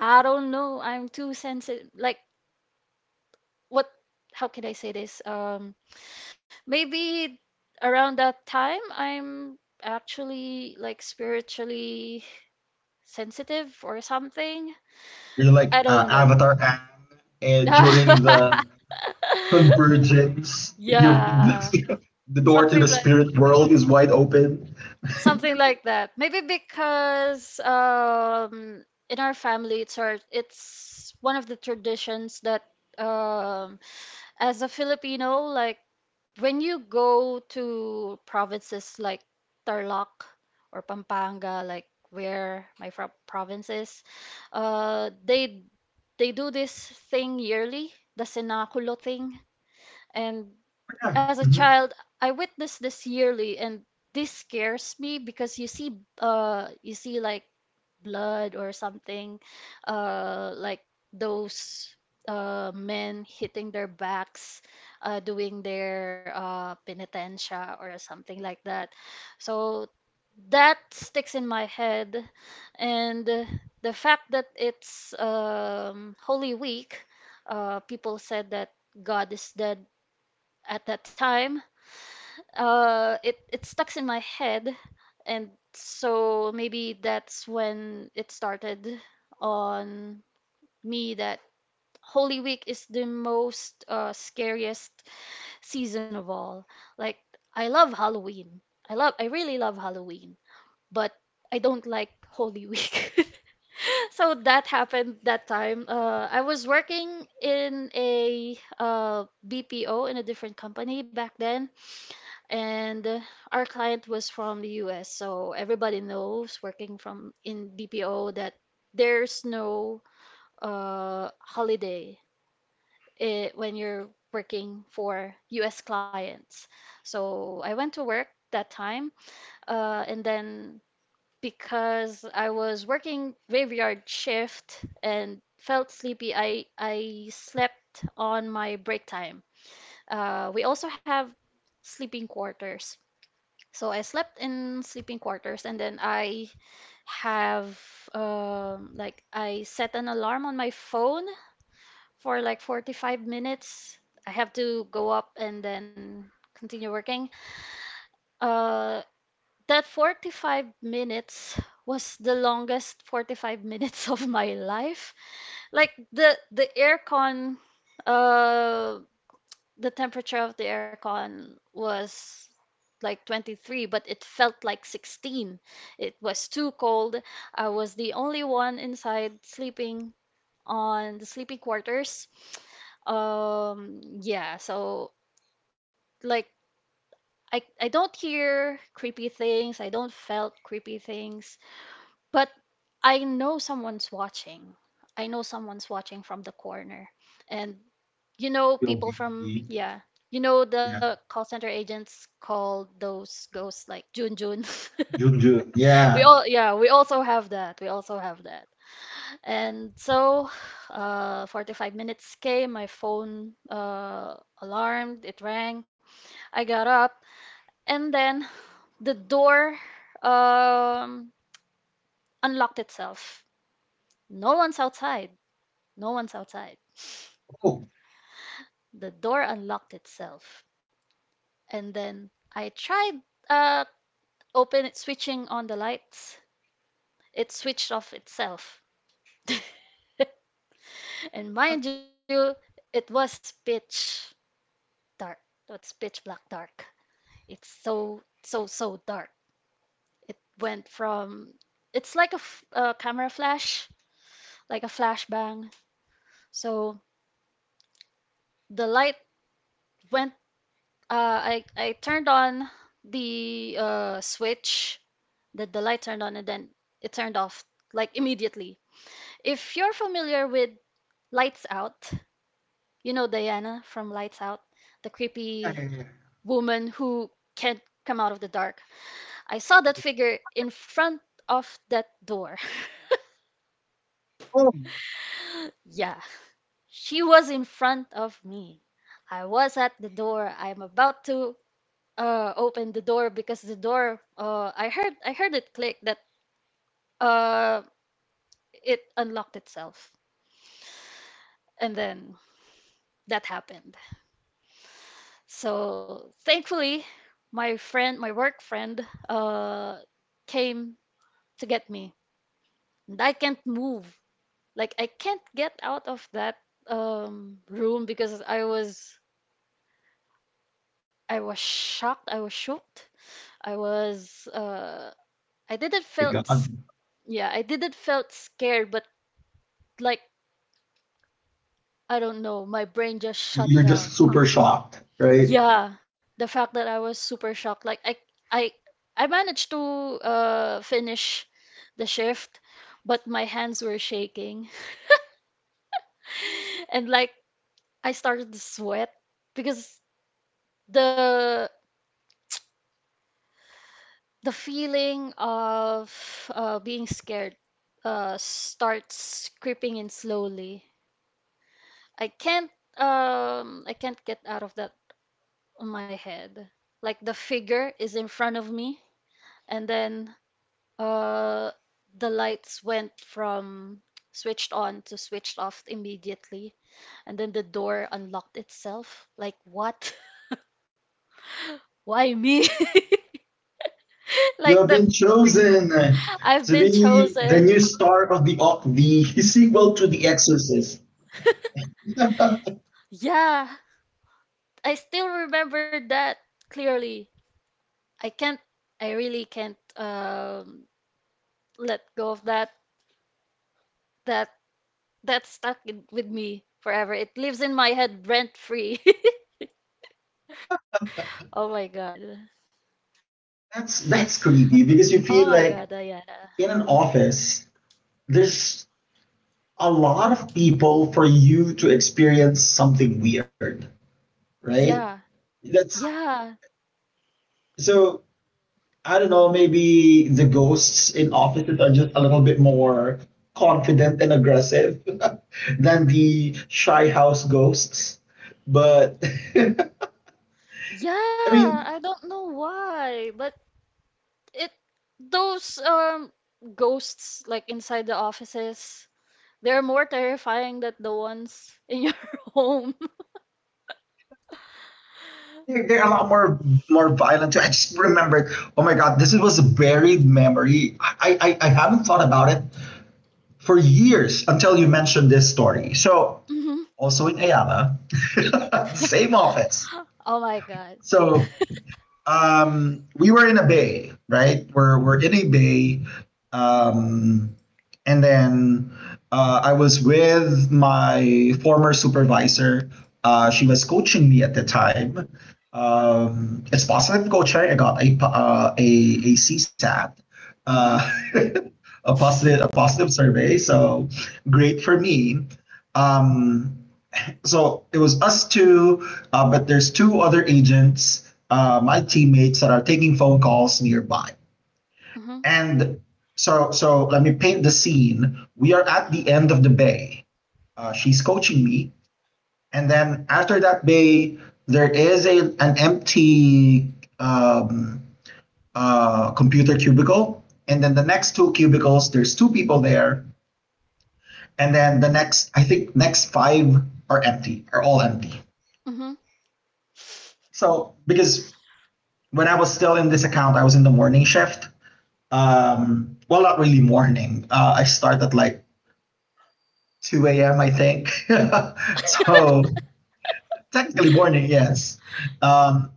I don't know. I'm too sensitive. Like, what? How can I say this? Um, Maybe around that time, I'm actually like spiritually sensitive or something.
You're like
I
uh,
don't know.
Avatar Aang, and during the convergence, you
Yeah,
the door to
something
the
like,
spirit world is wide open.
something like that. Maybe because um in our family it's our it's one of the traditions that um as a Filipino, like when you go to provinces like Tarlac or Pampanga, like where my fro province is, uh, they they do this thing yearly, the cenaculo thing. And
Yeah.
as a
Mm-hmm.
child, I witnessed this yearly, and this scares me because you see, uh, you see like blood or something, uh, like those uh, men hitting their backs, uh, doing their uh, penitencia or something like that. So that sticks in my head, and uh, the fact that it's um, Holy Week, uh, people said that God is dead at that time, uh it it stucks in my head, and so maybe that's when it started on me that Holy Week is the most uh, scariest season of all. Like, I love Halloween. I love I really love Halloween, but I don't like Holy Week. So that happened that time. Uh, I was working in a uh, B P O in a different company back then, and uh, our client was from the U S, so everybody knows working from in B P O that there's no uh, holiday eh, when you're working for U S clients. So I went to work that time, uh, and then because I was working graveyard shift and felt sleepy, I I slept on my break time. Uh, we also have sleeping quarters, so I slept in sleeping quarters, and then I have um, like, I set an alarm on my phone for like forty-five minutes. I have to go up and then continue working. Uh, that forty-five minutes was the longest forty-five minutes of my life. Like, the the aircon, uh, the temperature of the aircon was like twenty-three, but it felt like sixteen. It was too cold. I was the only one inside sleeping on the sleeping quarters. Um, yeah, so like, I I don't hear creepy things. I don't felt creepy things, but I know someone's watching. I know someone's watching from the corner. And you know
Will
people from
be,
yeah, you know the
yeah.
call center agents call those ghosts like Jun Jun.
Junjun.
We
Yeah.
all, yeah, we also have that. We also have that. And so, uh, forty-five minutes came, my phone uh, alarmed, it rang. I got up, and then the door um, unlocked itself. No one's outside. No one's outside.
Oh
The door unlocked itself. And then I tried uh, open switching on the lights. It switched off itself. And mind you, it was pitch dark. It's pitch black dark. It's so, so, so dark. It went from, it's like a, f- a camera flash, like a flashbang. So the light went, uh, I, I turned on the uh, switch, that the light turned on, and then it turned off like immediately. If you're familiar with Lights Out, you know Diana from Lights Out, the
yeah, yeah,
creepy
yeah.
woman who can not come out of the dark. I saw that figure in front of that door.
Oh
Yeah, she was in front of me. I was at the door. I'm about to uh, open the door because the door, uh, I heard I heard it click that uh, it unlocked itself. And then that happened. So thankfully, my friend, my work friend, uh, came to get me. And I can't move. Like, I can't get out of that um, room because I was I was shocked. I was shocked. I was uh, I didn't
my
felt s-
God.
yeah, I didn't felt scared, but like, I don't know, my brain just shut
You're
down.
just super shocked, right?
Yeah, the fact that I was super shocked. Like, I I I managed to uh, finish the shift, but my hands were shaking. And like, I started to sweat because the the feeling of uh, being scared uh, starts creeping in slowly. I can't um I can't get out of that on my head. Like, the figure is in front of me, and then uh the lights went from switched on to switched off immediately, and then the door unlocked itself. Like, what? Why me?
You
Like
have
that,
been chosen
I've
to
been
be the
chosen.
new star of the Ock, the sequel to The Exorcist.
Yeah, I still remember that clearly. I can't, I really can't um, let go of that. That that stuck in, with me forever. It lives in my head rent free. Oh my God.
That's
Oh
that's
my God,
creepy because you
Diana.
feel like in an office there's a lot of people for you to experience something weird, right?
Yeah,
That's
yeah,
so, I don't know, maybe the ghosts in offices are just a little bit more confident and aggressive than the shy house ghosts. But I
yeah. Yeah,
mean,
I don't know why, but it, those um ghosts like inside the offices. They're more terrifying than the ones in your home.
they're, they're a lot more more violent too. I just remembered, oh my god, this was a buried memory. I, I, I haven't thought about it for years until you mentioned this story. So
Hmm
also in Ayala. Same office.
Oh my God.
So um, we were in a bay, right? We're, we're in a bay. Um, and then uh, I was with my former supervisor. Uh, she was coaching me at the time. Um, it's positive coaching. I got a, uh, a, a C SAT. Uh,
Hmm
a positive a positive survey, so great for me. Um so it was us two, uh, but there's two other agents, uh, my teammates that are taking phone calls nearby.
hmm
And so, so let me paint the scene. We are at the end of the bay. Uh, she's coaching me, and then after that bay, there is a an empty um, uh, computer cubicle, and then the next two cubicles, there's two people there, and then the next, I think, next five are empty, are all empty.
hmm
So because when I was still in this account, I was in the morning shift. Um, well, not really morning. Uh, I start at like two a m, I think. So technically morning, yes. Um,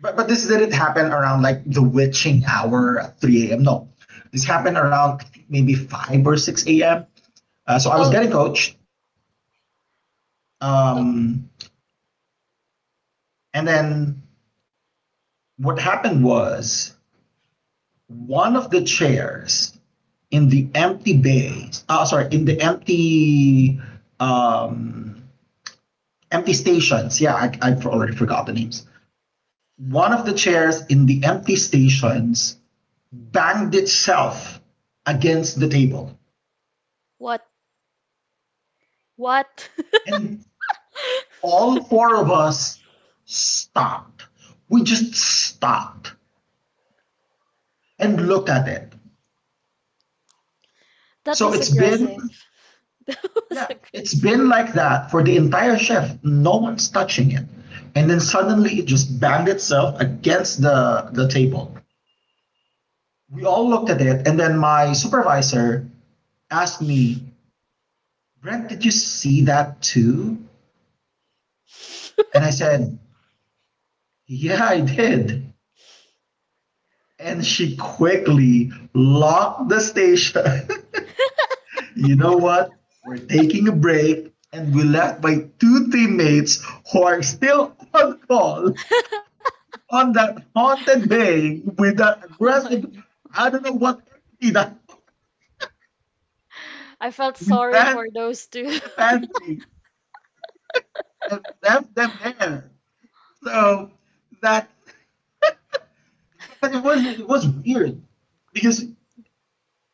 but, but this didn't happen around like the witching hour at three a m. No, this happened around maybe five or six a m. Uh, so I was
Oh,
getting coached.
ok.
Um, and then what happened was one of the chairs in the empty bays. Oh, sorry, in the empty, um, empty stations. Yeah, I, I already forgot the names. One of the chairs in the empty stations banged itself against the table,
What? What?
and all four of us stopped. We just stopped and looked at it.
That
So
was
it's been,
aggressive. That was
yeah, it's
aggressive.
been like that for the entire shift. No one's touching it. And then suddenly it just banged itself against the, the table. We all looked at it, and then my supervisor asked me, Brent, did you see that too? And I said, yeah, I did. And she quickly locked the station. You know what? We're taking a break, and we left my two teammates who are still on call on that haunted day with that
Oh my
aggressive,
God.
I don't know what entity that.
I felt
We
sorry
ran
for those
to
two.
the pantry and left them there. So that, but it was it was weird because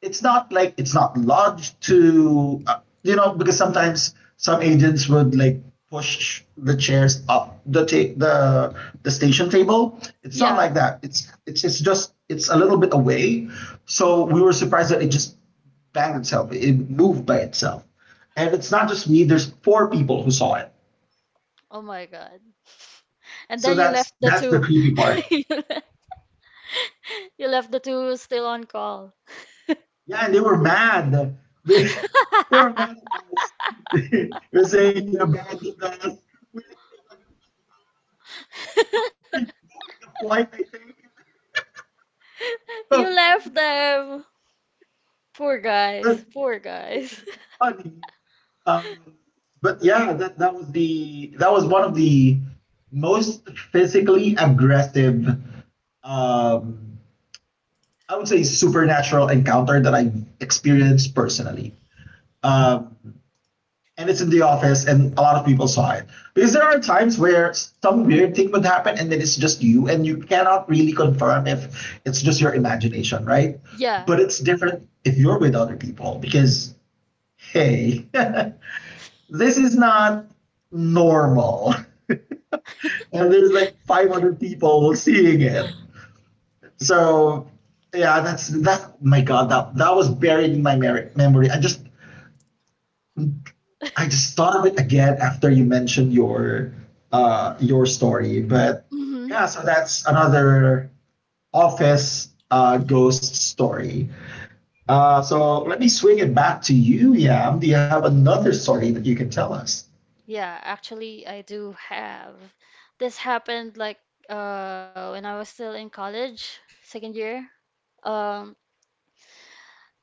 it's not like it's not lodged to, uh, you know, because sometimes some agents would like push the chairs up the ta- the the station table. It's not
Yeah.
like that. It's it's it's just it's a little bit away. So we were surprised that it just banged itself. It moved by itself. And it's not just me. There's four people who saw it.
Oh my God. And
So
then you
that's
left the
that's
two.
the creepy part.
You le- you left the two still on call.
Yeah, and they were mad. They, they were mad at us. They were saying you abandoned us. We were rebooking the flight, I think. So, uh,
You left them. Poor
but
guys. Poor
it
guys.
was funny. Um, but yeah, that, that was the that was one of the most physically aggressive, um, I would say supernatural encounter that I've experienced personally. Um, and it's in the office and a lot of people saw it, because there are times where some weird thing would happen and then it's just you and you cannot really confirm if it's just your imagination, right?
Yeah.
But it's different if you're with other people, because hey, this is not normal. And there's like five hundred people seeing it, so yeah, that's that. My god, that that was buried in my memory. I just I just thought of it again after you mentioned your uh your story. But
hmm
yeah, so that's another office uh ghost story. Uh so let me swing it back to you, Yam. Do you have another story that you can tell us?
Yeah, actually, I do have. This happened like uh when I was still in college, second year. Um,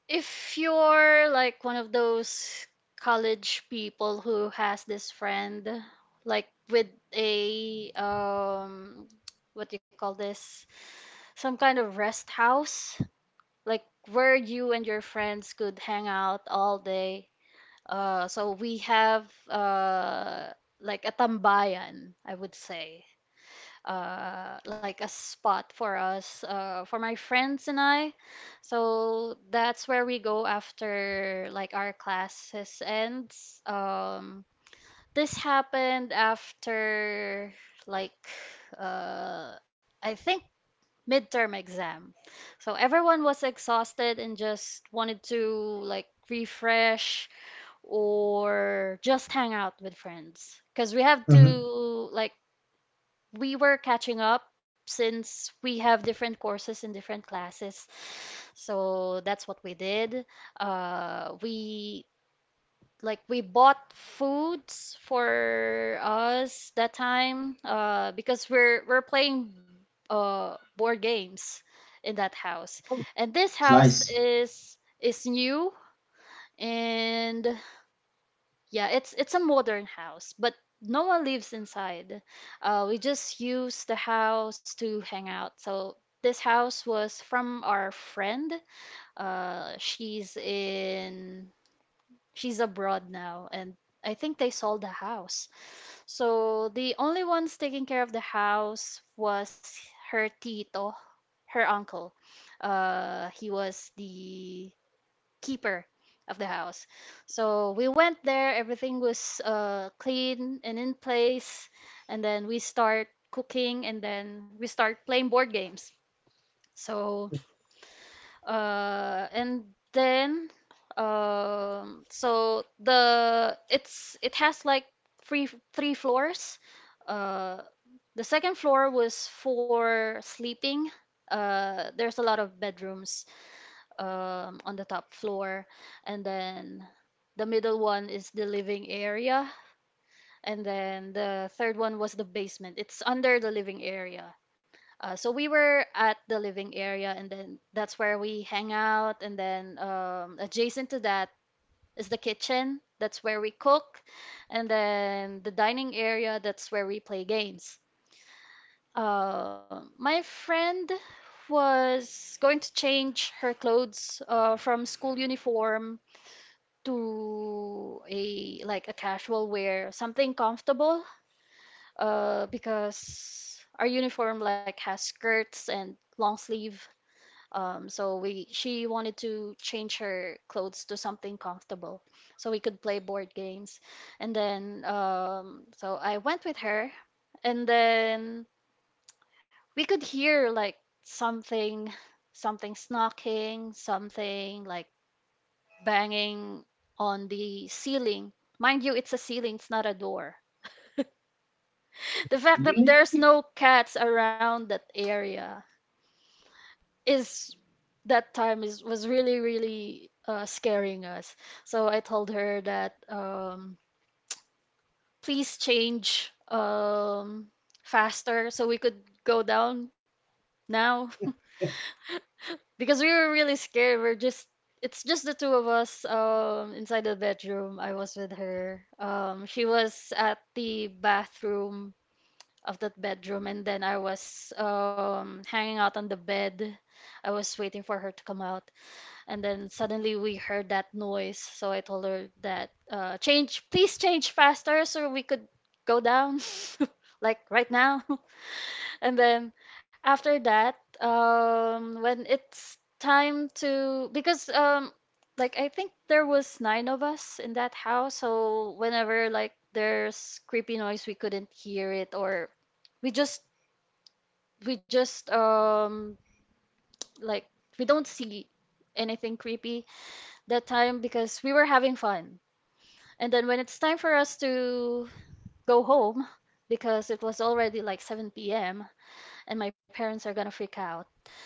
If you're like one of those college people who has this friend, like with a um, what do you call this? Some kind of rest house, like where you and your friends could hang out all day. Uh, so we have uh like a tambayan, I would say uh, like a spot for us, uh, for my friends and I. So that's where we go after like our classes ends. Um, this happened after like, uh, I think, midterm exam. So everyone was exhausted and just wanted to like refresh or just hang out with friends because we have to,
Mm-hmm.
like, we were catching up since we have different courses in different classes. So that's what we did. Uh, we like, we bought foods for us that time uh, because we're we're playing uh, board games in that house. And this
It's
house
nice.
is is new, and yeah, it's it's a modern house, but no one lives inside. Uh, we just use the house to hang out. So this house was from our friend. Uh, she's in she's abroad now, and I think they sold the house. So the only ones taking care of the house was her tito, her uncle. Uh, he was the keeper of the house. So we went there, everything was uh, clean and in place, and then we start cooking and then we start playing board games. So uh, and then um, so the it's, it has like three three floors. Uh, the second floor was for sleeping. Uh, there's a lot of bedrooms um, on the top floor, and then the middle one is the living area, and then the third one was the basement. It's under the living area. Uh, so we were at the living area, and then that's where we hang out. And then um, adjacent to that is the kitchen. That's where we cook. And then the dining area, that's where we play games. Uh, my friend was going to change her clothes uh, from school uniform to a like a casual wear, something comfortable, uh, because our uniform like has skirts and long sleeve. Um, so we she wanted to change her clothes to something comfortable, so we could play board games. And then um, so I went with her, and then we could hear like something, something snarking, something like banging on the ceiling. Mind you, it's a ceiling, it's not a door. The fact that
Really?
there's no cats around that area is that time is was really really uh, scaring us. So I told her that um, please change, um, faster so we could go down now because we were really scared. We're just It's just the two of us um inside the bedroom. I was with her. Um she was at the bathroom of that bedroom, and then I was um hanging out on the bed. I was waiting for her to come out, and then suddenly we heard that noise. So I told her that, uh change please change faster so we could go down like right now. And then after that, um, when it's time to, because um, like I think there was nine of us in that house, so whenever like there's creepy noise, we couldn't hear it, or we just we just um like we don't see anything creepy that time because we were having fun. And then when it's time for us to go home, because it was already like seven p m and my parents are gonna freak out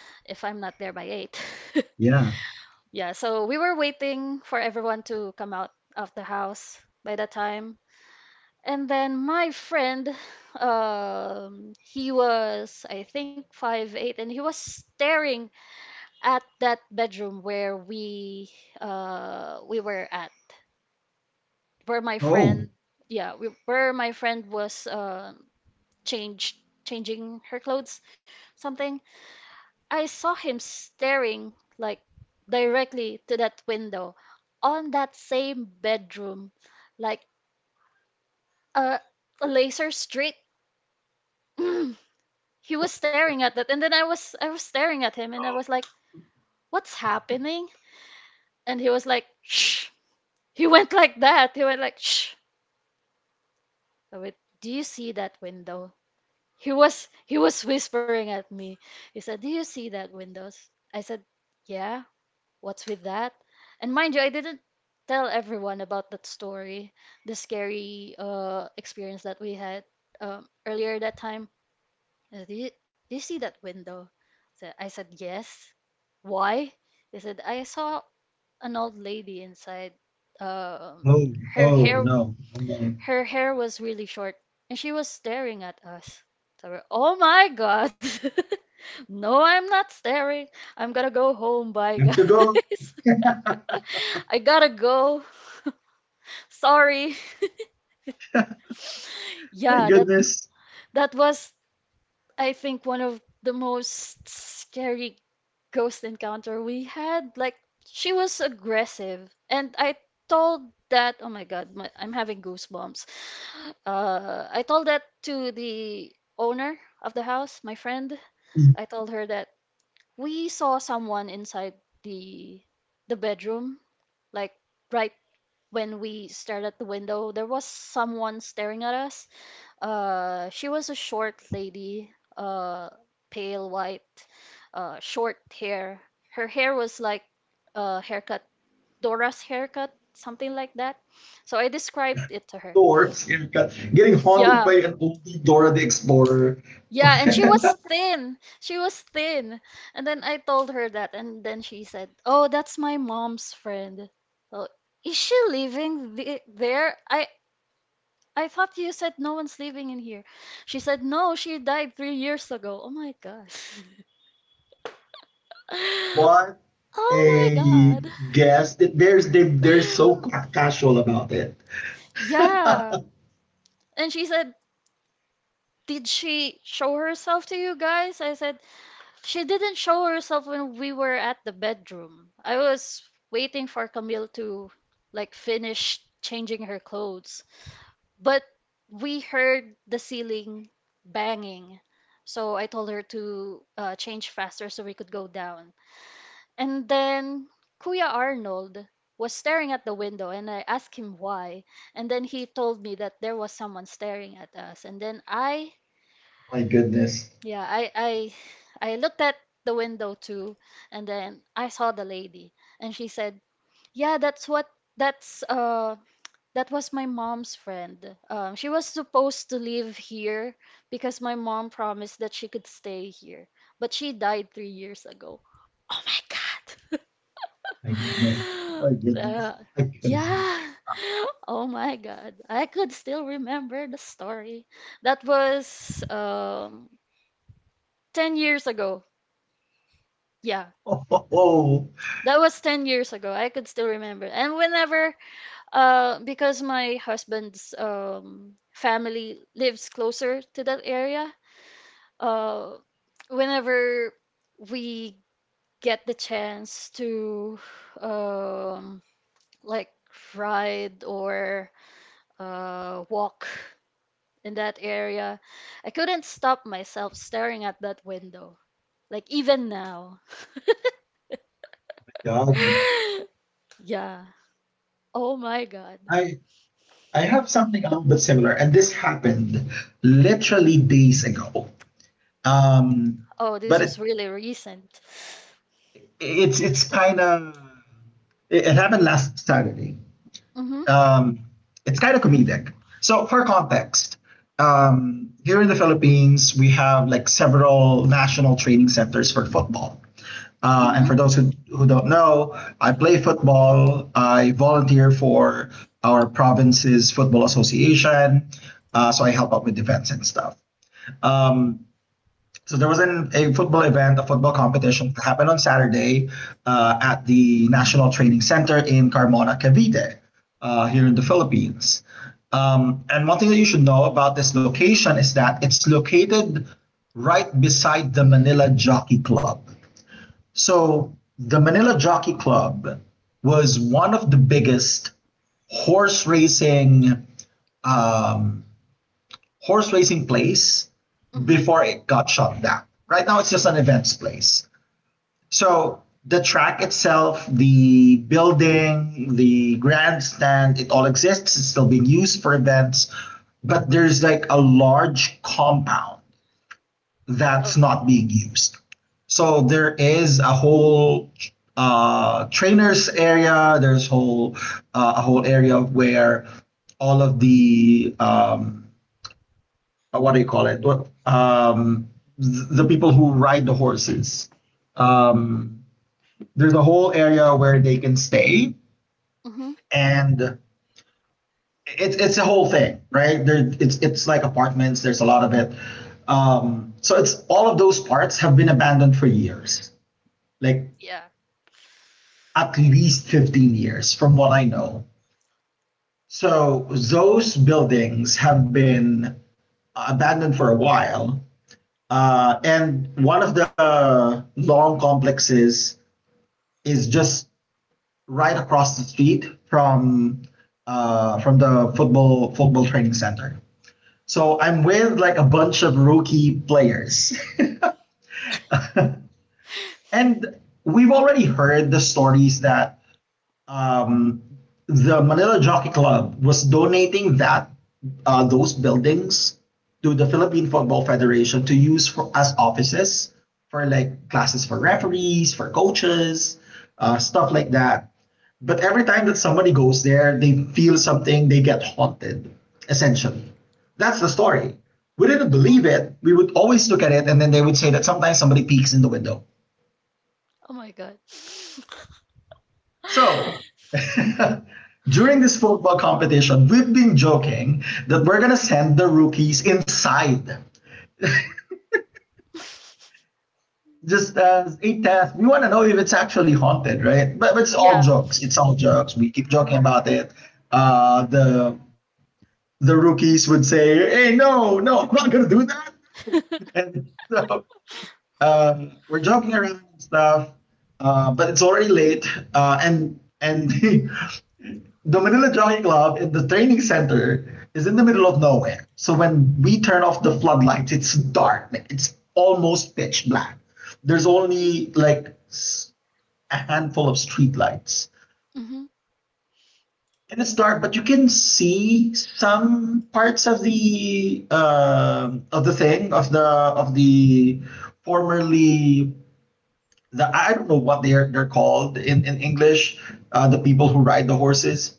if I'm not there by eight.
Yeah.
Yeah, so we were waiting for everyone to come out of the house by that time. And then my friend, um, he was, I think, five eight, and he was staring at that bedroom where we uh, we were at, where my friend,
Oh.
yeah, we, where my friend was uh, changed, changing her clothes, something. I saw him staring, like, directly to that window, on that same bedroom, like a, a laser streak. He was staring at that, and then I was I was staring at him, and I was like, "What's happening?" And he was like, "Shh." He went like that. He went like, "Shh." I went, "Do you see that window?" He was he was whispering at me. He said, "Do you see that windows?" I said, "Yeah. What's with that?" And mind you, I didn't tell everyone about that story, the scary uh, experience that we had um, earlier that time. Uh, Do you, do you see that window? So I said, yes. Why? They said, I saw an old lady inside. Um,
Oh.
Her
Oh
hair,
no. Okay.
her hair was really short, and she was staring at us. So we're, oh my God. No, I'm not staring. I'm gonna go home. Bye,
You have to go.
guys. I gotta go. Sorry.
Thank
Yeah, that
goodness.
that was, I think, one of the most scary ghost encounter we had, like she was aggressive, and I told that. Oh my God, my, I'm having goosebumps. Uh, I told that to the owner of the house, my friend. I told her that we saw someone inside the the bedroom, like right when we stared at the window, there was someone staring at us. Uh, she was a short lady, uh, pale white, uh, short hair. Her hair was like a haircut, Dora's haircut, something like that. So I described it to her.
Doors. You're got- Getting haunted
Yeah,
by an old Dora the Explorer.
yeah, and she was thin. She was thin. And then I told her that, and then she said, "Oh, that's my mom's friend." Oh, is she living the there? I I thought you said no one's living in here. She said, No, she died three years ago. Oh my God.
What
Oh my
a
God.
guess! That There's they they're so ca- casual about it.
Yeah. And she said, Did she show herself to you guys? I said, She didn't show herself when we were at the bedroom. I was waiting for Camille to like finish changing her clothes. But we heard the ceiling banging. So I told her to uh, change faster so we could go down. And then Kuya Arnold was staring at the window and I asked him why. And then he told me that there was someone staring at us. And then I,
My goodness!
yeah, I, I, I looked at the window too. And then I saw the lady and she said, yeah, that's what, that's, uh, that was my mom's friend. Um, she was supposed to live here because my mom promised that she could stay here, but she died three years ago. Oh my God.
My goodness! My goodness!
Uh,
My goodness!
yeah. Oh my God. I could still remember the story. That was um ten years ago. Yeah.
Oh, oh, oh,
That was ten years ago. I could still remember. And whenever Uh, because my husband's um family lives closer to that area, uh, whenever we get the chance to um like ride or uh walk in that area, I couldn't stop myself staring at that window. Like even now.
God!
Yeah. Oh my God.
I I have something a little bit similar, and this happened literally days ago. Um,
Oh, this
but
was
it,
really recent.
it's it's kind of it, it happened last Saturday.
Mhm.
um, it's kind of comedic. So for context, um, here in the Philippines, we have like several national training centers for football. Uh,
Mhm.
and for those who, who don't know, I play football. I volunteer for our province's football association. Uh, so I help out with events and stuff. Um, so there was an, a football event, a football competition that happened on Saturday, uh, at the National Training Center in Carmona, Cavite, uh, here in the Philippines. Um, and one thing that you should know about this location is that it's located right beside the Manila Jockey Club. So the Manila Jockey Club was one of the biggest horse racing, um, horse racing place
Mhm.
before it got shut down. Right now, it's just an events place. So the track itself, the building, the grandstand, it all exists. It's still being used for events, but there's like a large compound that's
Okay.
not being used. So there is a whole uh, trainers area. There's whole uh, a whole area where all of the um, uh, what do you call it? Um, the people who ride the horses. Um, there's a whole area where they can stay
Mhm.
and it's it's a whole thing, right? There it's it's like apartments, there's a lot of it. Um, so it's all of those parts have been abandoned for years. Like
Yeah.
at least fifteen years from what I know. So those buildings have been abandoned for a while. Uh, and one of the long complexes is just right across the street from uh, from the football football training center. So I'm with like a bunch of rookie players, and we've already heard the stories that um, the Manila Jockey Club was donating that uh, those buildings to the Philippine Football Federation to use for, as offices for like classes for referees, for coaches, uh, stuff like that. But every time that somebody goes there, they feel something, they get haunted, essentially. That's the story. We didn't believe
Mhm.
it. We would always look at it, and then they would say that sometimes somebody peeks in the window.
Oh my God.
So, during this football competition, we've been joking that we're going to send the rookies inside. Just as a test, we want to know if it's actually haunted, right? But, but it's all
Yeah.
jokes. It's all jokes. We keep joking about it. Uh, the the rookies would say, "Hey, no, no, I'm not going to do that." And so um, we're joking around and stuff, uh, but it's already late. Uh, and and the, Manila Jockey Club in the training center is in the middle of nowhere. So when we turn off the floodlights, it's dark. Like, It's almost pitch black. There's only like s- a handful of streetlights.
Mhm.
And it's dark, but you can see some parts of the um of the thing of the of the formerly the I don't know what they're they're called in in English, uh, the people who ride the horses.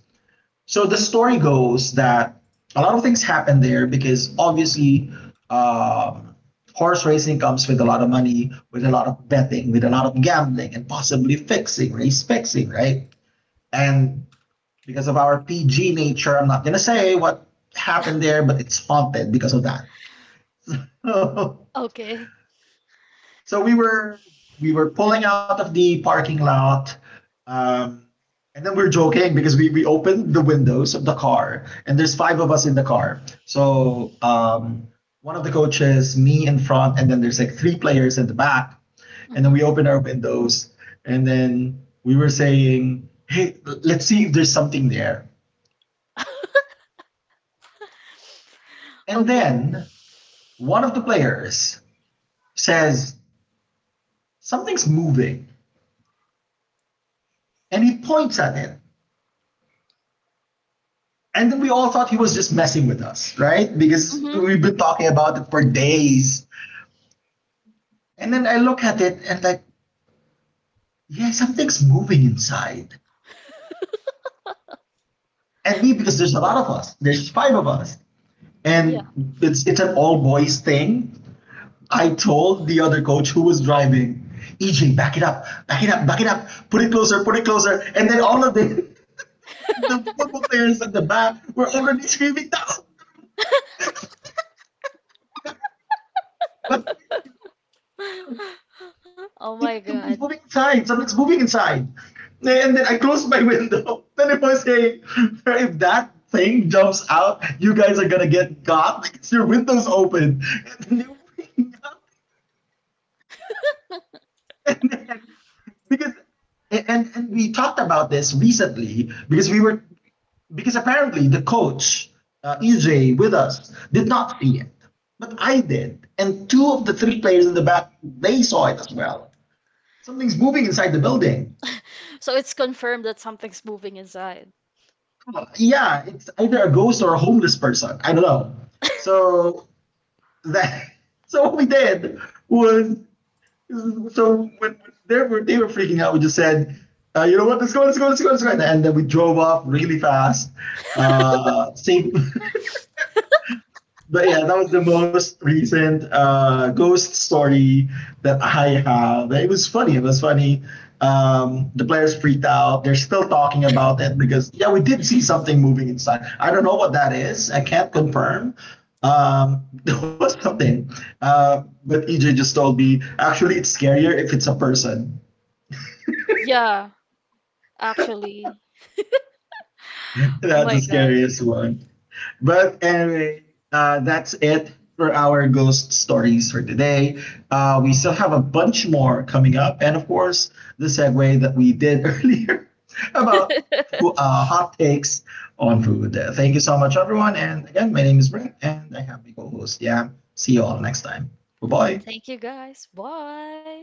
So the story goes that a lot of things happen there because obviously um, horse racing comes with a lot of money, with a lot of betting, with a lot of gambling, and possibly fixing, race fixing, right? And because of our P G nature, I'm not gonna say what happened there, but it's haunted because of that.
Okay.
So we were we were pulling out of the parking lot, um, and then we were joking because we we opened the windows of the car, and there's five of us in the car. So um, one of the coaches, me in front, and then there's like three players in the back, and then
Mhm.
we opened our windows, and then we were saying, "Hey, l- let's see if there's something there." And
Okay.
then one of the players says, "Something's moving," and he points at it. And then we all thought he was just messing with us, right? Because
Mhm.
we've been talking about it for days. And then I look at it and like, yeah, something's moving inside. And me, because there's a lot of us. There's five of us.
Yeah.
And it's it's an all boys thing. I told the other coach who was driving, E J, back it up, back it up, back it up, put it closer, put it closer. And then all of the the football players at the back were already screaming, no,
Oh my
see,
God.
something's moving inside. Something's moving inside. And then I closed my window. Then it was saying, if that thing jumps out, you guys are gonna get got because your window's open. And then they were freaking out. And then because and, and and we talked about this recently because we were because apparently the coach uh, E J with us did not see it, but I did, and two of the three players in the back they saw it as well. Something's moving inside the building.
So it's confirmed that something's moving inside.
Yeah, it's either a ghost or a homeless person. I don't know. So that so what we did was so when, they were they were freaking out, we just said, uh, you know what, let's go, let's go, let's go, let's go, and then we drove off really fast, uh, safe but yeah, that was the most recent uh, ghost story that I have. It was funny. It was funny. Um, the players freaked out. They're still talking about it because yeah, we did see something moving inside. I don't know what that is. I can't confirm. Um, there was something, uh, but E J just told me actually it's scarier if it's a person.
Yeah, actually. Oh
That's
my
the
God.
scariest one. But anyway, uh, that's it for our ghost stories for today. Uh, we still have a bunch more coming up, and of course, the segue that we did earlier about who- uh, hot takes on food. Uh, thank you so much, everyone. And again, my name is Brent, and I have my co host, Yam. See you all next time. Bye bye.
Thank you guys. Bye.